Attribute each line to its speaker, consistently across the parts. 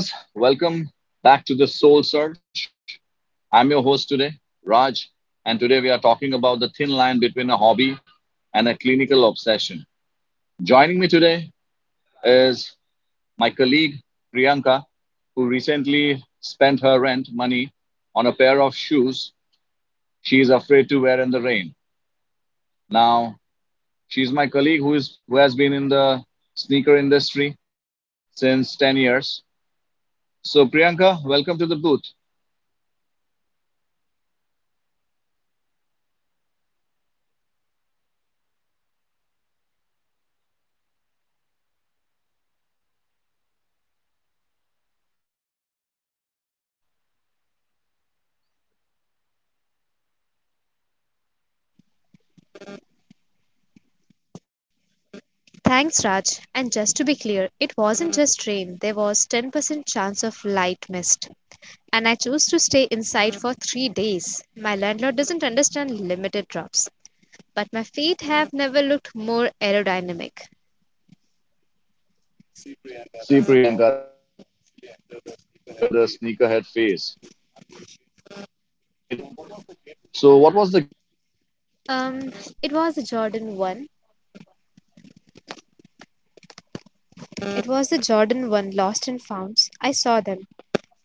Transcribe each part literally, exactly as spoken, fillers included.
Speaker 1: Hello, listeners. Welcome back to the Soul Search. I'm your host today, Raj, and today we are talking about the thin line between a hobby and a clinical obsession. Joining me today is my colleague Priyanka, who recently spent her rent money on a pair of shoes she is afraid to wear in the rain. Now, she's my colleague who is who has been in the sneaker industry since ten years. So, Priyanka, welcome to the booth.
Speaker 2: Thanks, Raj. And just to be clear, it wasn't just rain. There was ten percent chance of light mist. And I chose to stay inside for three days. My landlord doesn't understand limited drops. But my feet have never looked more aerodynamic.
Speaker 1: See, Priyanka, that's the problem. We have officially entered the sneakerhead phase for the unish- uninitiated. So, what was the gateway shoe for you?
Speaker 2: Um, it was the Jordan one. It was the Jordan one lost and founds. I saw them.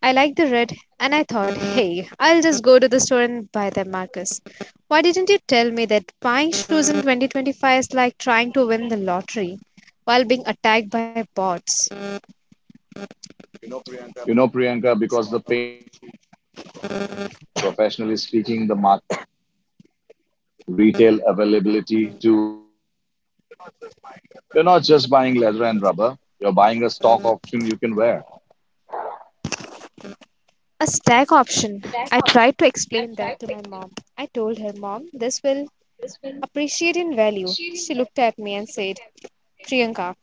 Speaker 2: I liked the red, and I thought, hey, I'll just go to the store and buy them, Marcus. Why didn't you tell me that buying shoes in twenty twenty-five is like trying to win the lottery while being attacked by bots?
Speaker 1: You know, Priyanka, because the pain is part of the initiation. Professionally speaking, the market has shifted from retail availability to artificial scarcity. You're not just buying leather and rubber, you're buying a stock option you can wear.
Speaker 2: A stack option. I tried to explain that to my mom. I told her, Mom, this will appreciate in value. She looked at me and said, Priyanka,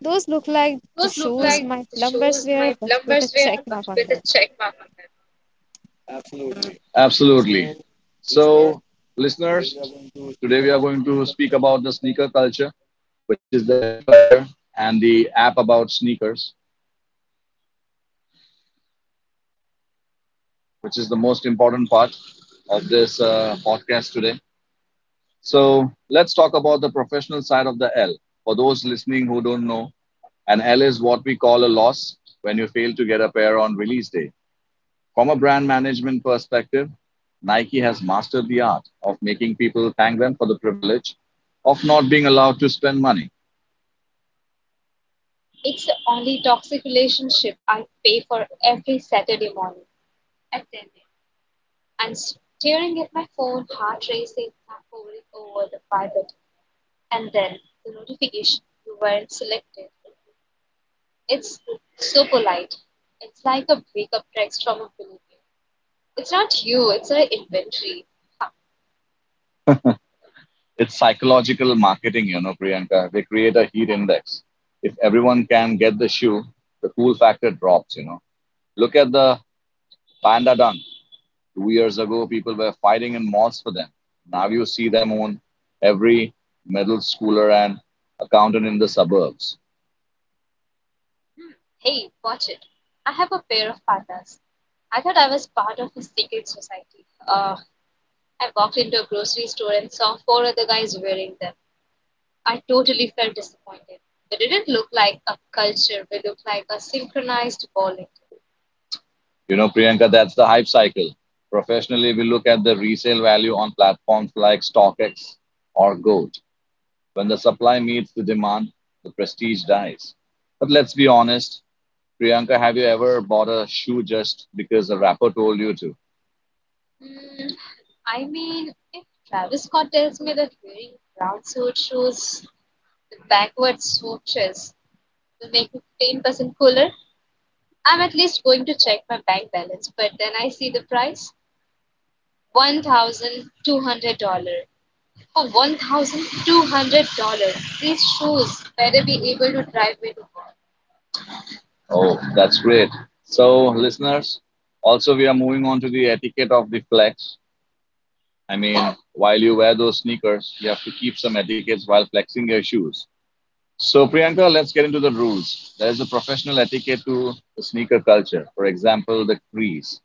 Speaker 2: those look like the shoes my plumbers wear, but with a check mark on them. Absolutely.
Speaker 1: Absolutely.
Speaker 2: So, listener,
Speaker 1: So,
Speaker 2: today we
Speaker 1: listeners,
Speaker 2: are going to speak
Speaker 1: today we are
Speaker 2: about the
Speaker 1: going to
Speaker 2: sneaker
Speaker 1: speak about the sneaker culture, which is the L culture, and the app about sneakers, which is the most important part of this uh, podcast today. So, let's talk about the professional side of the L. For those listening who don't know, an L is what we call a loss when you fail to get a pair on release day. From a brand management perspective, Nike has mastered the art of making people thank them for the privilege of not being allowed to spend money. It's psychological marketing, you know, Priyanka. They create a heat index. If everyone can get the shoe, the cool factor drops, you know. Look at the Panda Dunk. Two years ago, people were fighting in malls for them. Now you see them on every middle schooler and accountant in the suburbs. You know, Priyanka, that's the hype cycle. Professionally, we look at the resale value on platforms like StockX or Gold. When the supply meets the demand, the prestige dies. But let's be honest, Priyanka, have you ever bought a shoe just because a rapper told you to? Oh, that's great. So, listeners, also we are moving on to the etiquette of the flex. I mean, while you wear those sneakers, you have to keep some etiquettes while flexing your shoes. So, Priyanka, let's get into the rules. There's a professional etiquette to the sneaker culture. For example, the crease.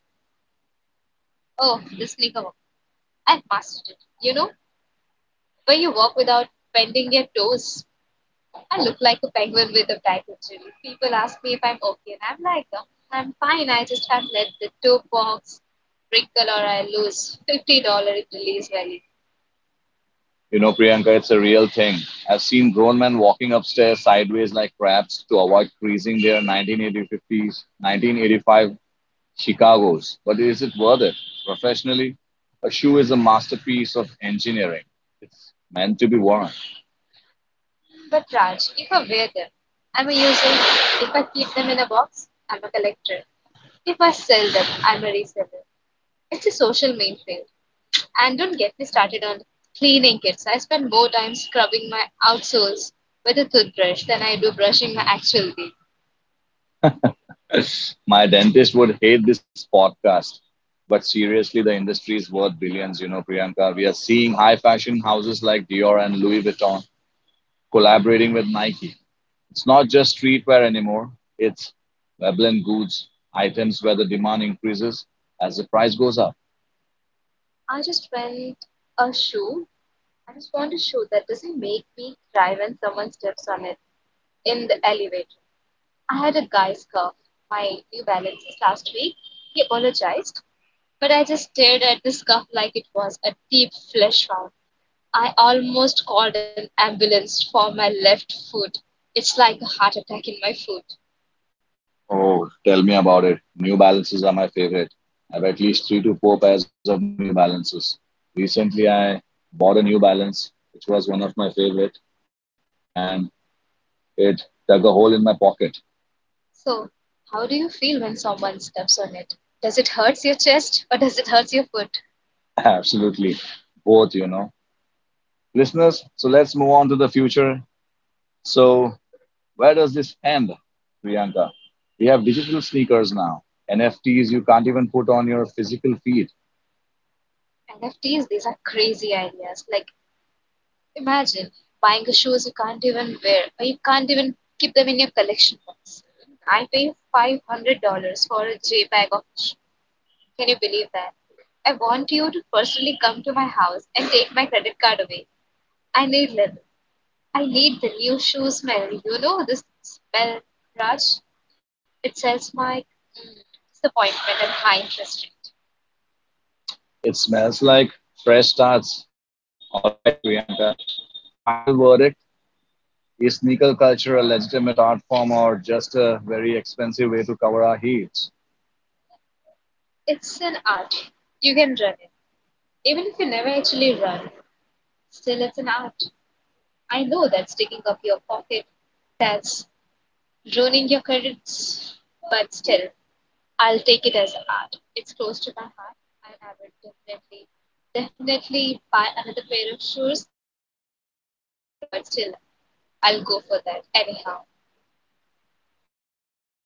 Speaker 1: You know, Priyanka, it's a real thing. I've seen grown men walking upstairs sideways like crabs to avoid creasing their nineteen eighties, nineteen eighty-five Chicago's. But is it worth it? Professionally, a shoe is a masterpiece of engineering. It's meant to be worn. My dentist would hate this podcast. But seriously, the industry is worth billions, you know, Priyanka. We are seeing high fashion houses like Dior and Louis Vuitton collaborating with Nike. It's not just streetwear anymore, it's Veblen goods, items where the demand increases as the price goes up. Oh, tell me about it. New balances are my favorite. I have at least three to four pairs of new balances. Recently, I bought a new balance, which was one of my favorite, and it dug a hole in my pocket. Absolutely. Both, you know. Listeners, so let's move on to the future. So, where does this end, Priyanka? We have digital sneakers now, N F Ts you can't even put on your physical feet. It smells like fresh starts. All right, Priyanka. Final verdict is sneaker culture a legitimate art form or just a very expensive way to cover our heels?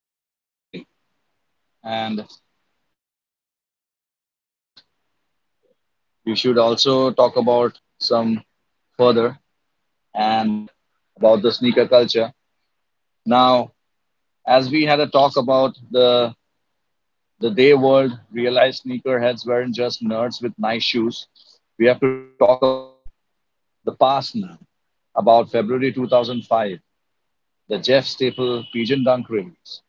Speaker 1: Absolutely. And if I have to say further about this, we should also talk about some further and about the sneaker culture. Now, as we had a talk about the the day world realized sneakerheads weren't just nerds with nice shoes. We have to talk about the past now, about February two thousand five, the Jeff Staple Pigeon Dunk release.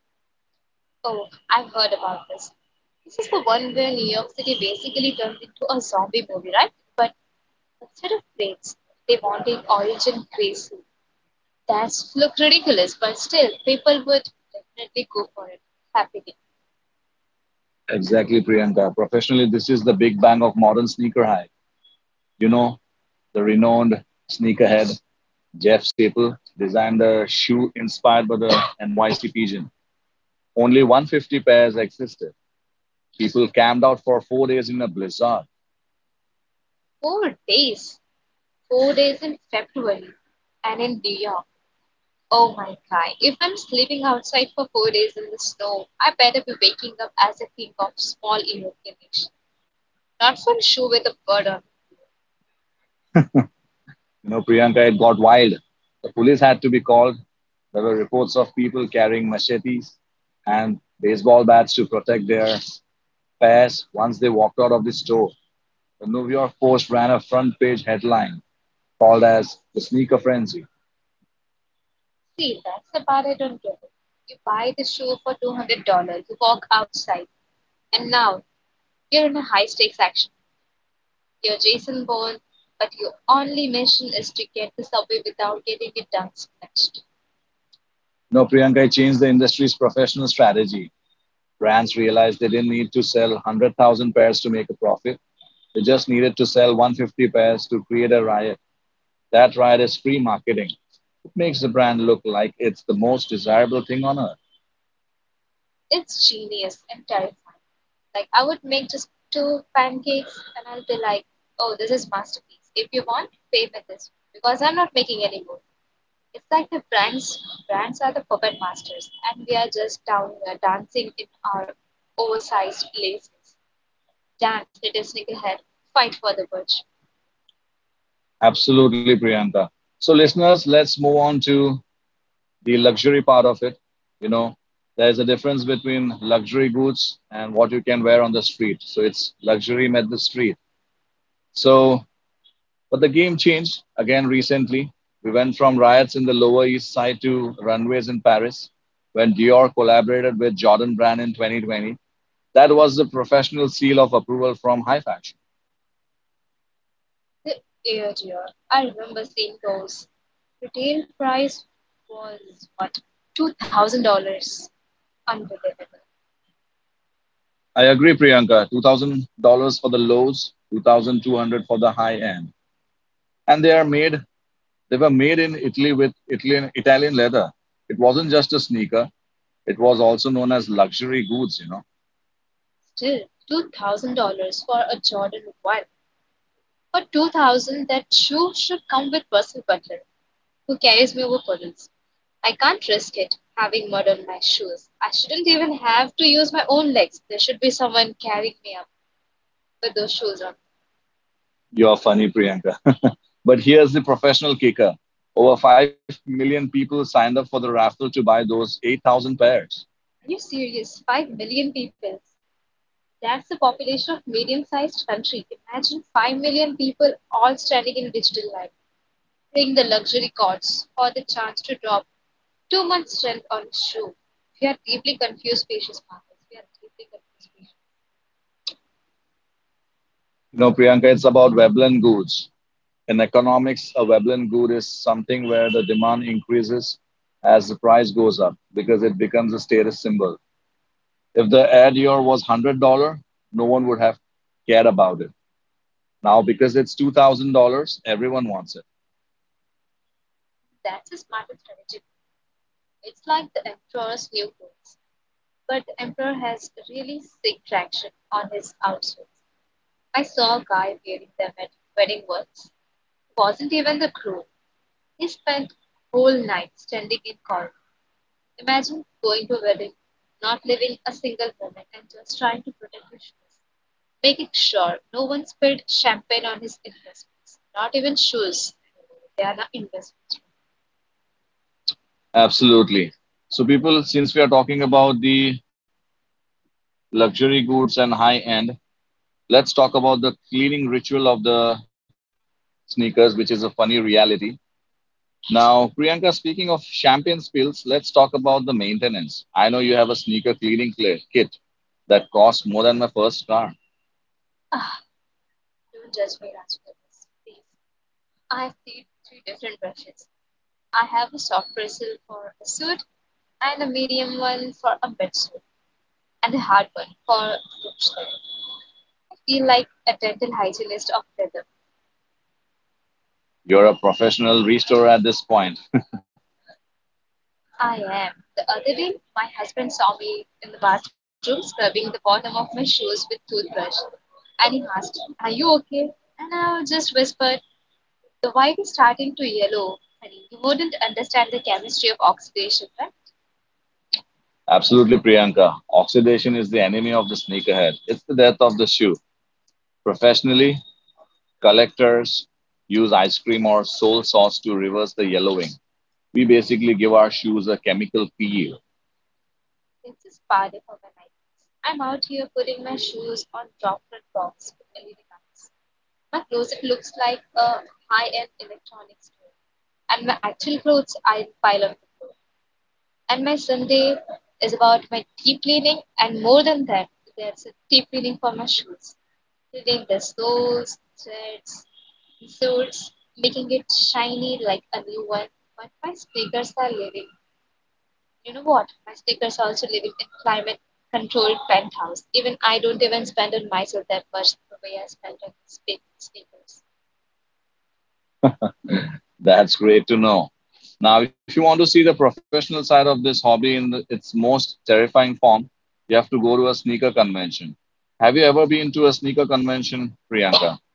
Speaker 1: Exactly, Priyanka. Professionally, this is the big bang of modern sneaker hype. You know, the renowned sneakerhead Jeff Staple designed a shoe inspired by the N Y C pigeon. Only one hundred fifty pairs existed. People camped out for four days in a blizzard. You know, Priyanka, it got wild. The police had to be called. There were reports of people carrying machetes and baseball bats to protect their pairs once they walked out of the store. The New York Post ran a front page headline called as the sneaker frenzy. You know, Priyanka changed the industry's professional strategy. Brands realized they didn't need to sell one hundred thousand pairs to make a profit. They just needed to sell one hundred fifty pairs to create a riot. That riot is free marketing. It makes the brand look like it's the most desirable thing on earth. Absolutely, Priyanka. So, listeners, let's move on to the luxury part of it. You know, there's a difference between luxury goods and what you can wear on the street. So, it's luxury met the street. So, but the game changed again recently. We went from riots in the Lower East Side to runways in Paris when Dior collaborated with Jordan Brand in twenty twenty. That was the professional seal of approval from High Fashion. I agree, Priyanka. two thousand dollars for the lows, twenty-two hundred dollars for the high end. And they are made, They were made in Italy with Italian, Italian leather. It wasn't just a sneaker. It was also known as luxury goods, you know. You're funny, Priyanka. But here's the professional kicker. Over five million people signed up for the raffle to buy those eight thousand pairs. You know, Priyanka, it's about Veblen goods. In economics, a Veblen good is something where the demand increases as the price goes up because it becomes a status symbol. If the ad year was one hundred dollars no one would have cared about it. Now, because it's two thousand dollars everyone wants it. Absolutely. So, people, since we are talking about the luxury goods and high end, let's talk about the cleaning ritual of the sneakers, which is a funny reality. Now, Priyanka, speaking of champagne spills, let's talk about the maintenance. I know you have a sneaker cleaning cl- kit that costs more than my first car. You're a professional restorer at this point. Absolutely, Priyanka. Oxidation is the enemy of the sneakerhead. It's the death of the shoe. Professionally, collectors use ice cream or soy sauce to reverse the yellowing. We basically give our shoes a chemical peel. That's great to know. Now, if you want to see the professional side of this hobby in the, its most terrifying form, you have to go to a sneaker convention. Have you ever been to a sneaker convention, Priyanka?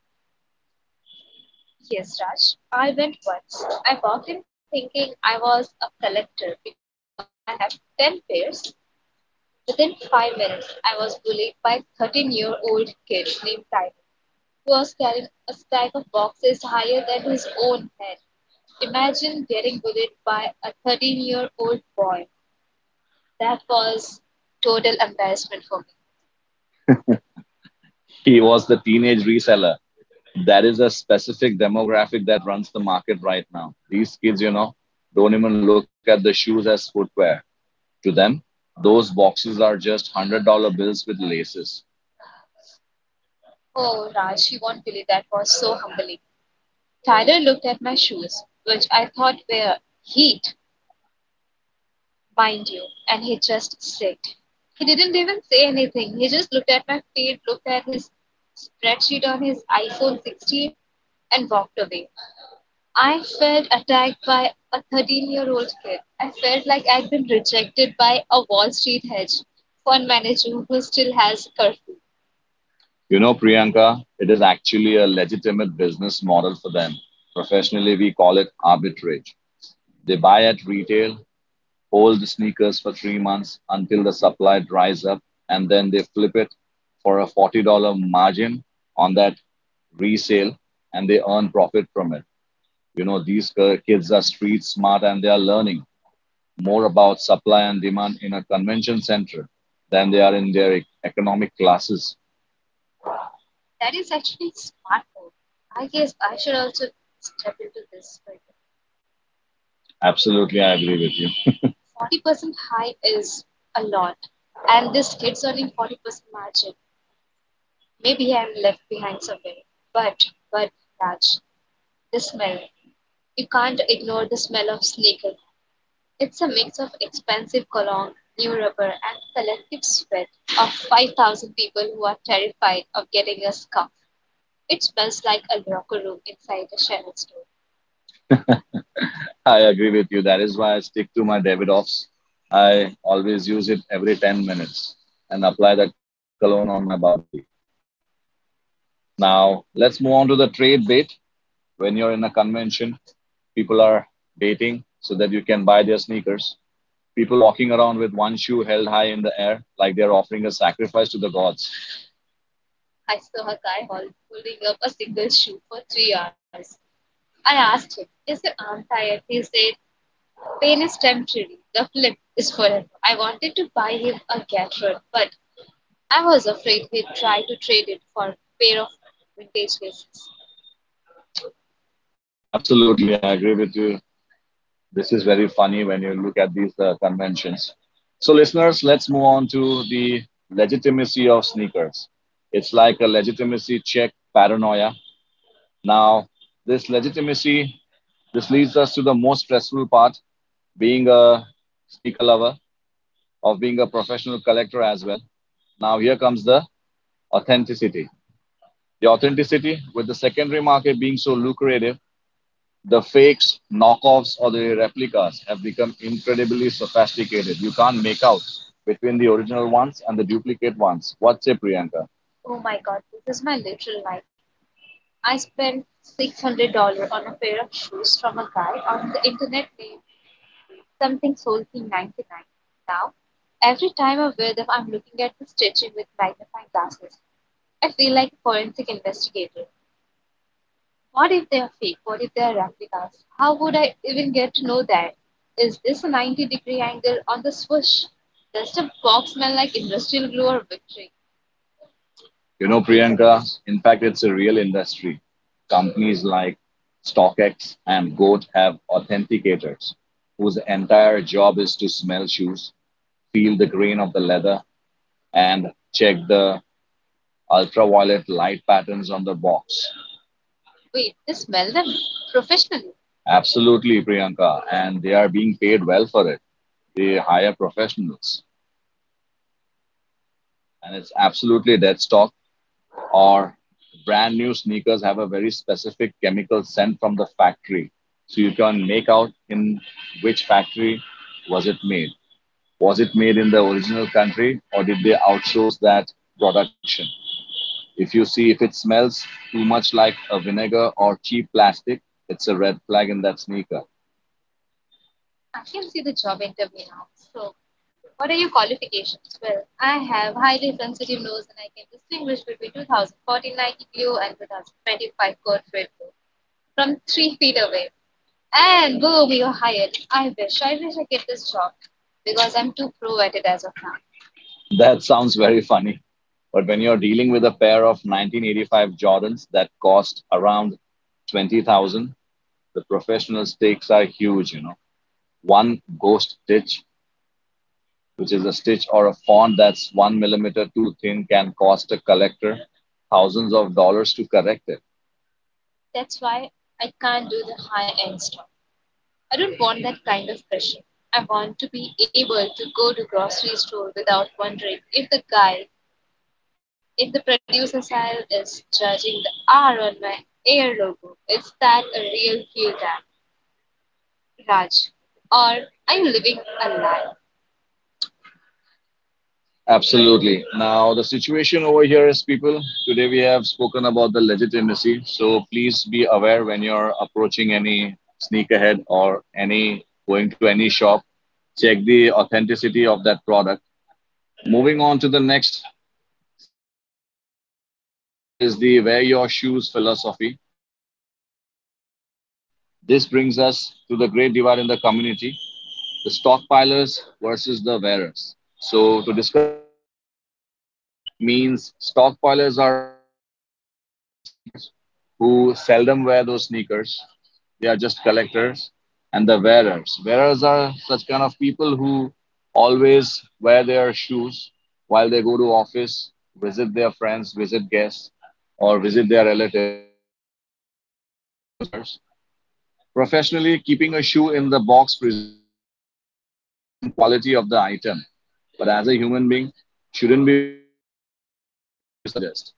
Speaker 1: He was the teenage reseller that is a specific demographic that runs the market right now. These kids, you know, don't even look at the shoes as footwear. To them, those boxes are just one hundred dollars bills with laces. You know, Priyanka, it is actually a legitimate business model for them. Professionally, we call it arbitrage. They buy at retail, hold the sneakers for three months until the supply dries up, and then they flip it for a forty dollars margin on that resale and they earn profit from it. You know, these kids are street smart and they are learning more about supply and demand in a convention center than they are in their e- economic classes. Absolutely, I agree with you. I agree with you. That is why I stick to my Davidoffs. I always use it every ten minutes and apply that cologne on my body. Now, let's move on to the trade bait. When you're in a convention, people are baiting so that you can buy their sneakers. People walking around with one shoe held high in the air like they're offering a sacrifice to the gods. Absolutely, I agree with you. This is very funny when you look at these uh, conventions. So, listeners, let's move on to the legitimacy of sneakers. It's like a legitimacy check paranoia. Now, this legitimacy, this leads us to the most stressful part being a sneaker lover, of being a professional collector as well. Now, here comes the authenticity. The authenticity, with the secondary market being so lucrative, the fakes, knockoffs, or the replicas have become incredibly sophisticated. You can't make out between the original ones and the duplicate ones. What's say, Priyanka? You know, Priyanka, in fact, it's a real industry. Companies like StockX and Goat have authenticators whose entire job is to smell shoes, feel the grain of the leather, and check the ultraviolet light patterns on the box. Absolutely, Priyanka, and they are being paid well for it. They hire professionals, and it's absolutely dead stock. Or brand new sneakers have a very specific chemical scent from the factory, so you can make out in which factory was it made. Was it made in the original country, or did they outsource that production? If you see if it smells too much like a vinegar or cheap plastic, it's a red flag in that sneaker. That sounds very funny. But when you're dealing with a pair of nineteen eighty-five Jordans that cost around twenty thousand, the professional stakes are huge, you know. One ghost stitch, which is a stitch or a font that's one millimeter too thin, can cost a collector thousands of dollars to correct it. Absolutely. Now, the situation over here is people, today we have spoken about the legitimacy. So please be aware when you're approaching any sneak ahead or any going to any shop, check the authenticity of that product. Moving on to the next segment of ours, that is the wear your shoes philosophy. Now, this brings us to the great divide in the community, the stockpilers versus the wearers. So, to discuss about stockpilers, means stockpilers are people who are collecting the sneakers, who seldom wear those sneakers. They are just collectors, and the wearers. Wearers are such kind of people who always wear their shoes while they go to office, visit their friends, visit guests, or visit their relatives. So these are regular users. Professionally, keeping a shoe in the box preserves the museum quality of the item. But as a human being, shouldn't be wearing them, Priyanka. What do you suggest?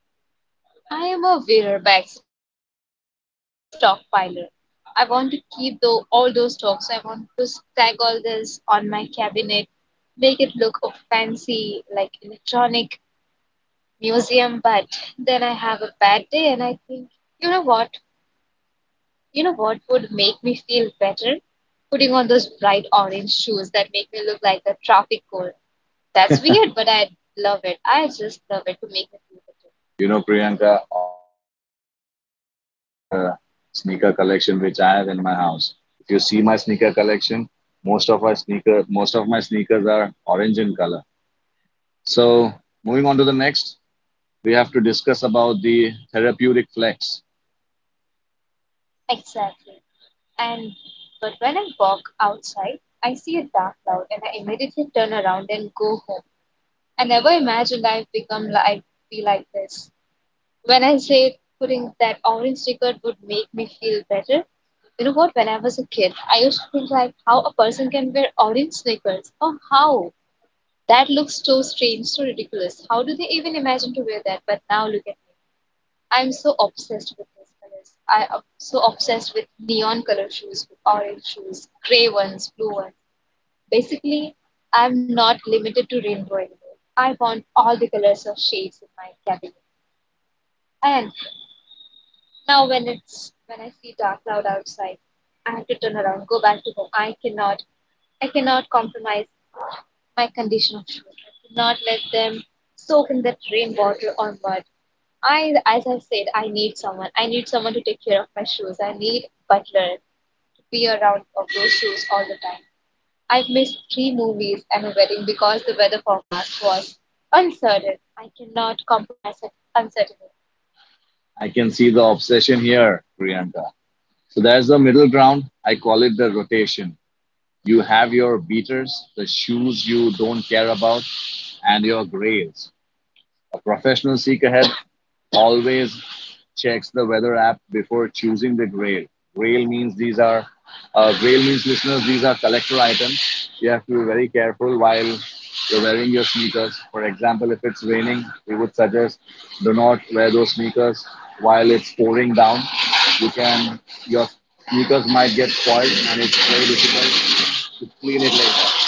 Speaker 1: You know, Priyanka, orange is one of my favorite colors in the sneaker collection which I have in my house. If you see my sneaker collection, most of our sneaker most of my sneakers are orange in color. So moving on to the next, we have to discuss about the therapeutic flex. I can see the obsession here, Priyanka. So there's the middle ground. I call it the rotation. You have your beaters, the shoes you don't care about, and your grails. A professional seek ahead always checks the weather app before choosing the grail. Grail means these are uh, Grail means, listeners, these are collector items. You have to be very careful while you're wearing your sneakers. For example, if it's raining, we would suggest do not wear those sneakers while it's pouring down. You can your sneakers might get spoiled and it's very difficult to clean it later.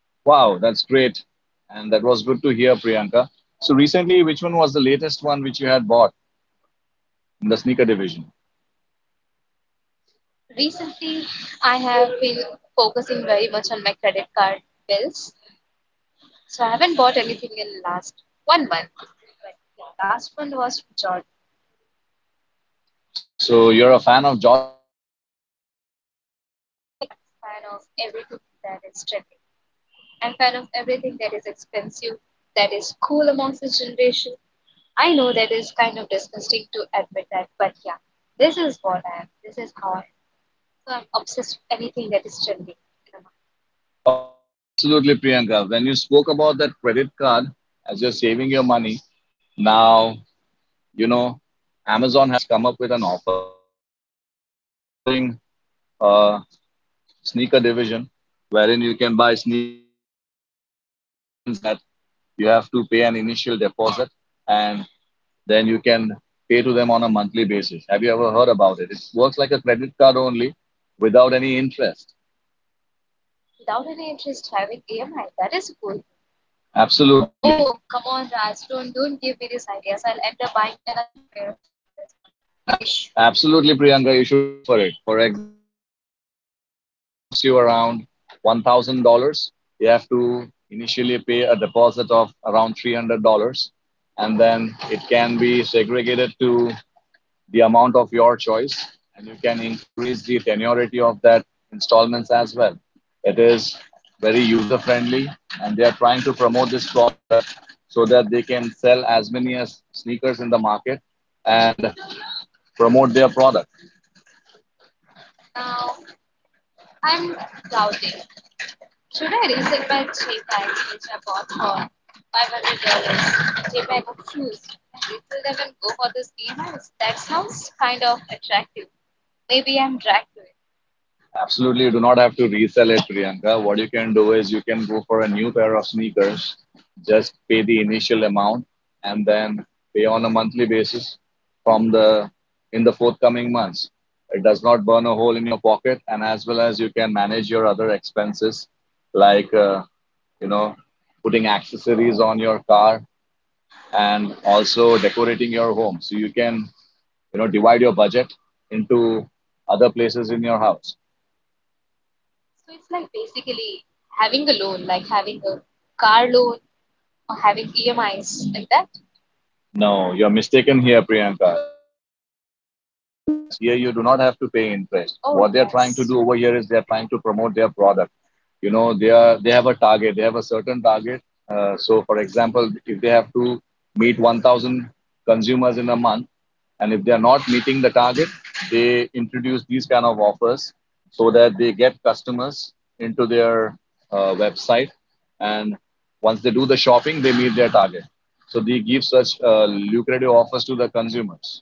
Speaker 1: Wow, that's great. And that was good to hear, Priyanka. So recently, which one was the latest one which you had bought in the sneaker division? So you're a fan of Jordans. Oh, absolutely, Priyanka. When you spoke about that credit card as you're saving your money, now, you know, Amazon has come up with an offer. They are promoting a sneaker division wherein you can buy sneakers on installments. It means that you have to pay an initial deposit and then you can pay to them on a monthly basis. Have you ever heard about it? It works like a credit card only without any interest. Absolutely. Abs- absolutely, Priyanka, you should go for it. For example, if uh, New Balance costs you around one thousand dollars you have to initially pay a deposit of around three hundred dollars and then it can be segregated to the amount of your choice and you can increase the tenuity of that installments as well. It is very user friendly and they are trying to promote this product so that they can sell as many as sneakers in the market and promote their product. Absolutely, you do not have to resell it, Priyanka. What you can do is you can go for a new pair of sneakers, just pay the initial amount, and then pay on a monthly basis from the in the forthcoming months. It does not burn a hole in your pocket, and as well as you can manage your other expenses, like uh, you know, putting accessories on your car and also decorating your home. So you can you know divide your budget into other places in your house. No, you're mistaken here, Priyanka. Loan means you have to pay interest. Here, you do not have to pay interest. What they're trying yes. to do over here is they're trying to promote their product, you know they are they have a target, they have a certain target. Uh, so for example, if they have to meet one thousand consumers in a month and if they are not meeting the target, they introduce these kind of offers so that they get customers into their uh, website, and once they do the shopping they meet their target. So they give such uh, lucrative offers to the consumers.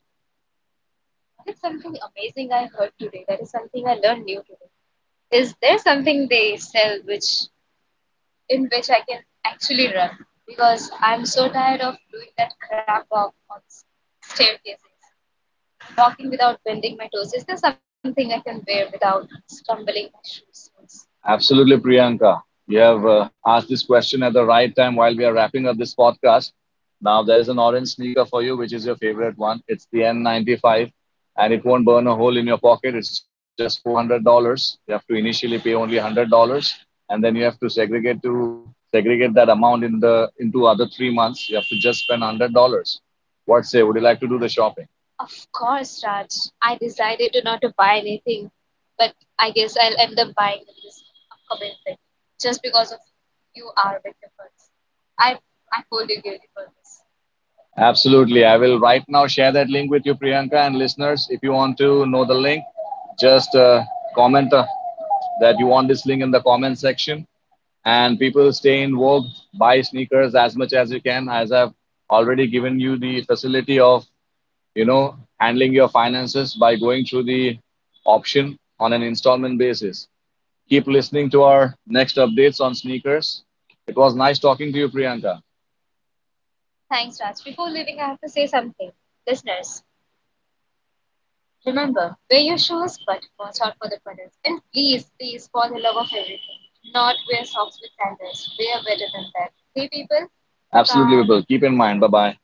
Speaker 1: Absolutely, Priyanka. You have uh, asked this question at the right time while we are wrapping up this podcast. Now, there is an orange sneaker for you, which is your favorite one. It's the N ninety-five, and it won't burn a hole in your pocket. It's just four hundred dollars. You have to initially pay only one hundred dollars and then you have to segregate to segregate that amount in the into other three months. You have to just spend one hundred dollars. What say? Would you like to do the shopping? Absolutely. I will right now share that link with you, Priyanka, and listeners. If you want to know the link, just uh, comment uh, that you want this link in the comment section. And people stay involved, vogue, buy sneakers as much as you can. As I've already given you the facility of, you know, handling your finances by going through the option on an installment basis. Keep listening to our next updates on sneakers. It was nice talking to you, Priyanka. Absolutely, we will. Keep in mind. Bye bye.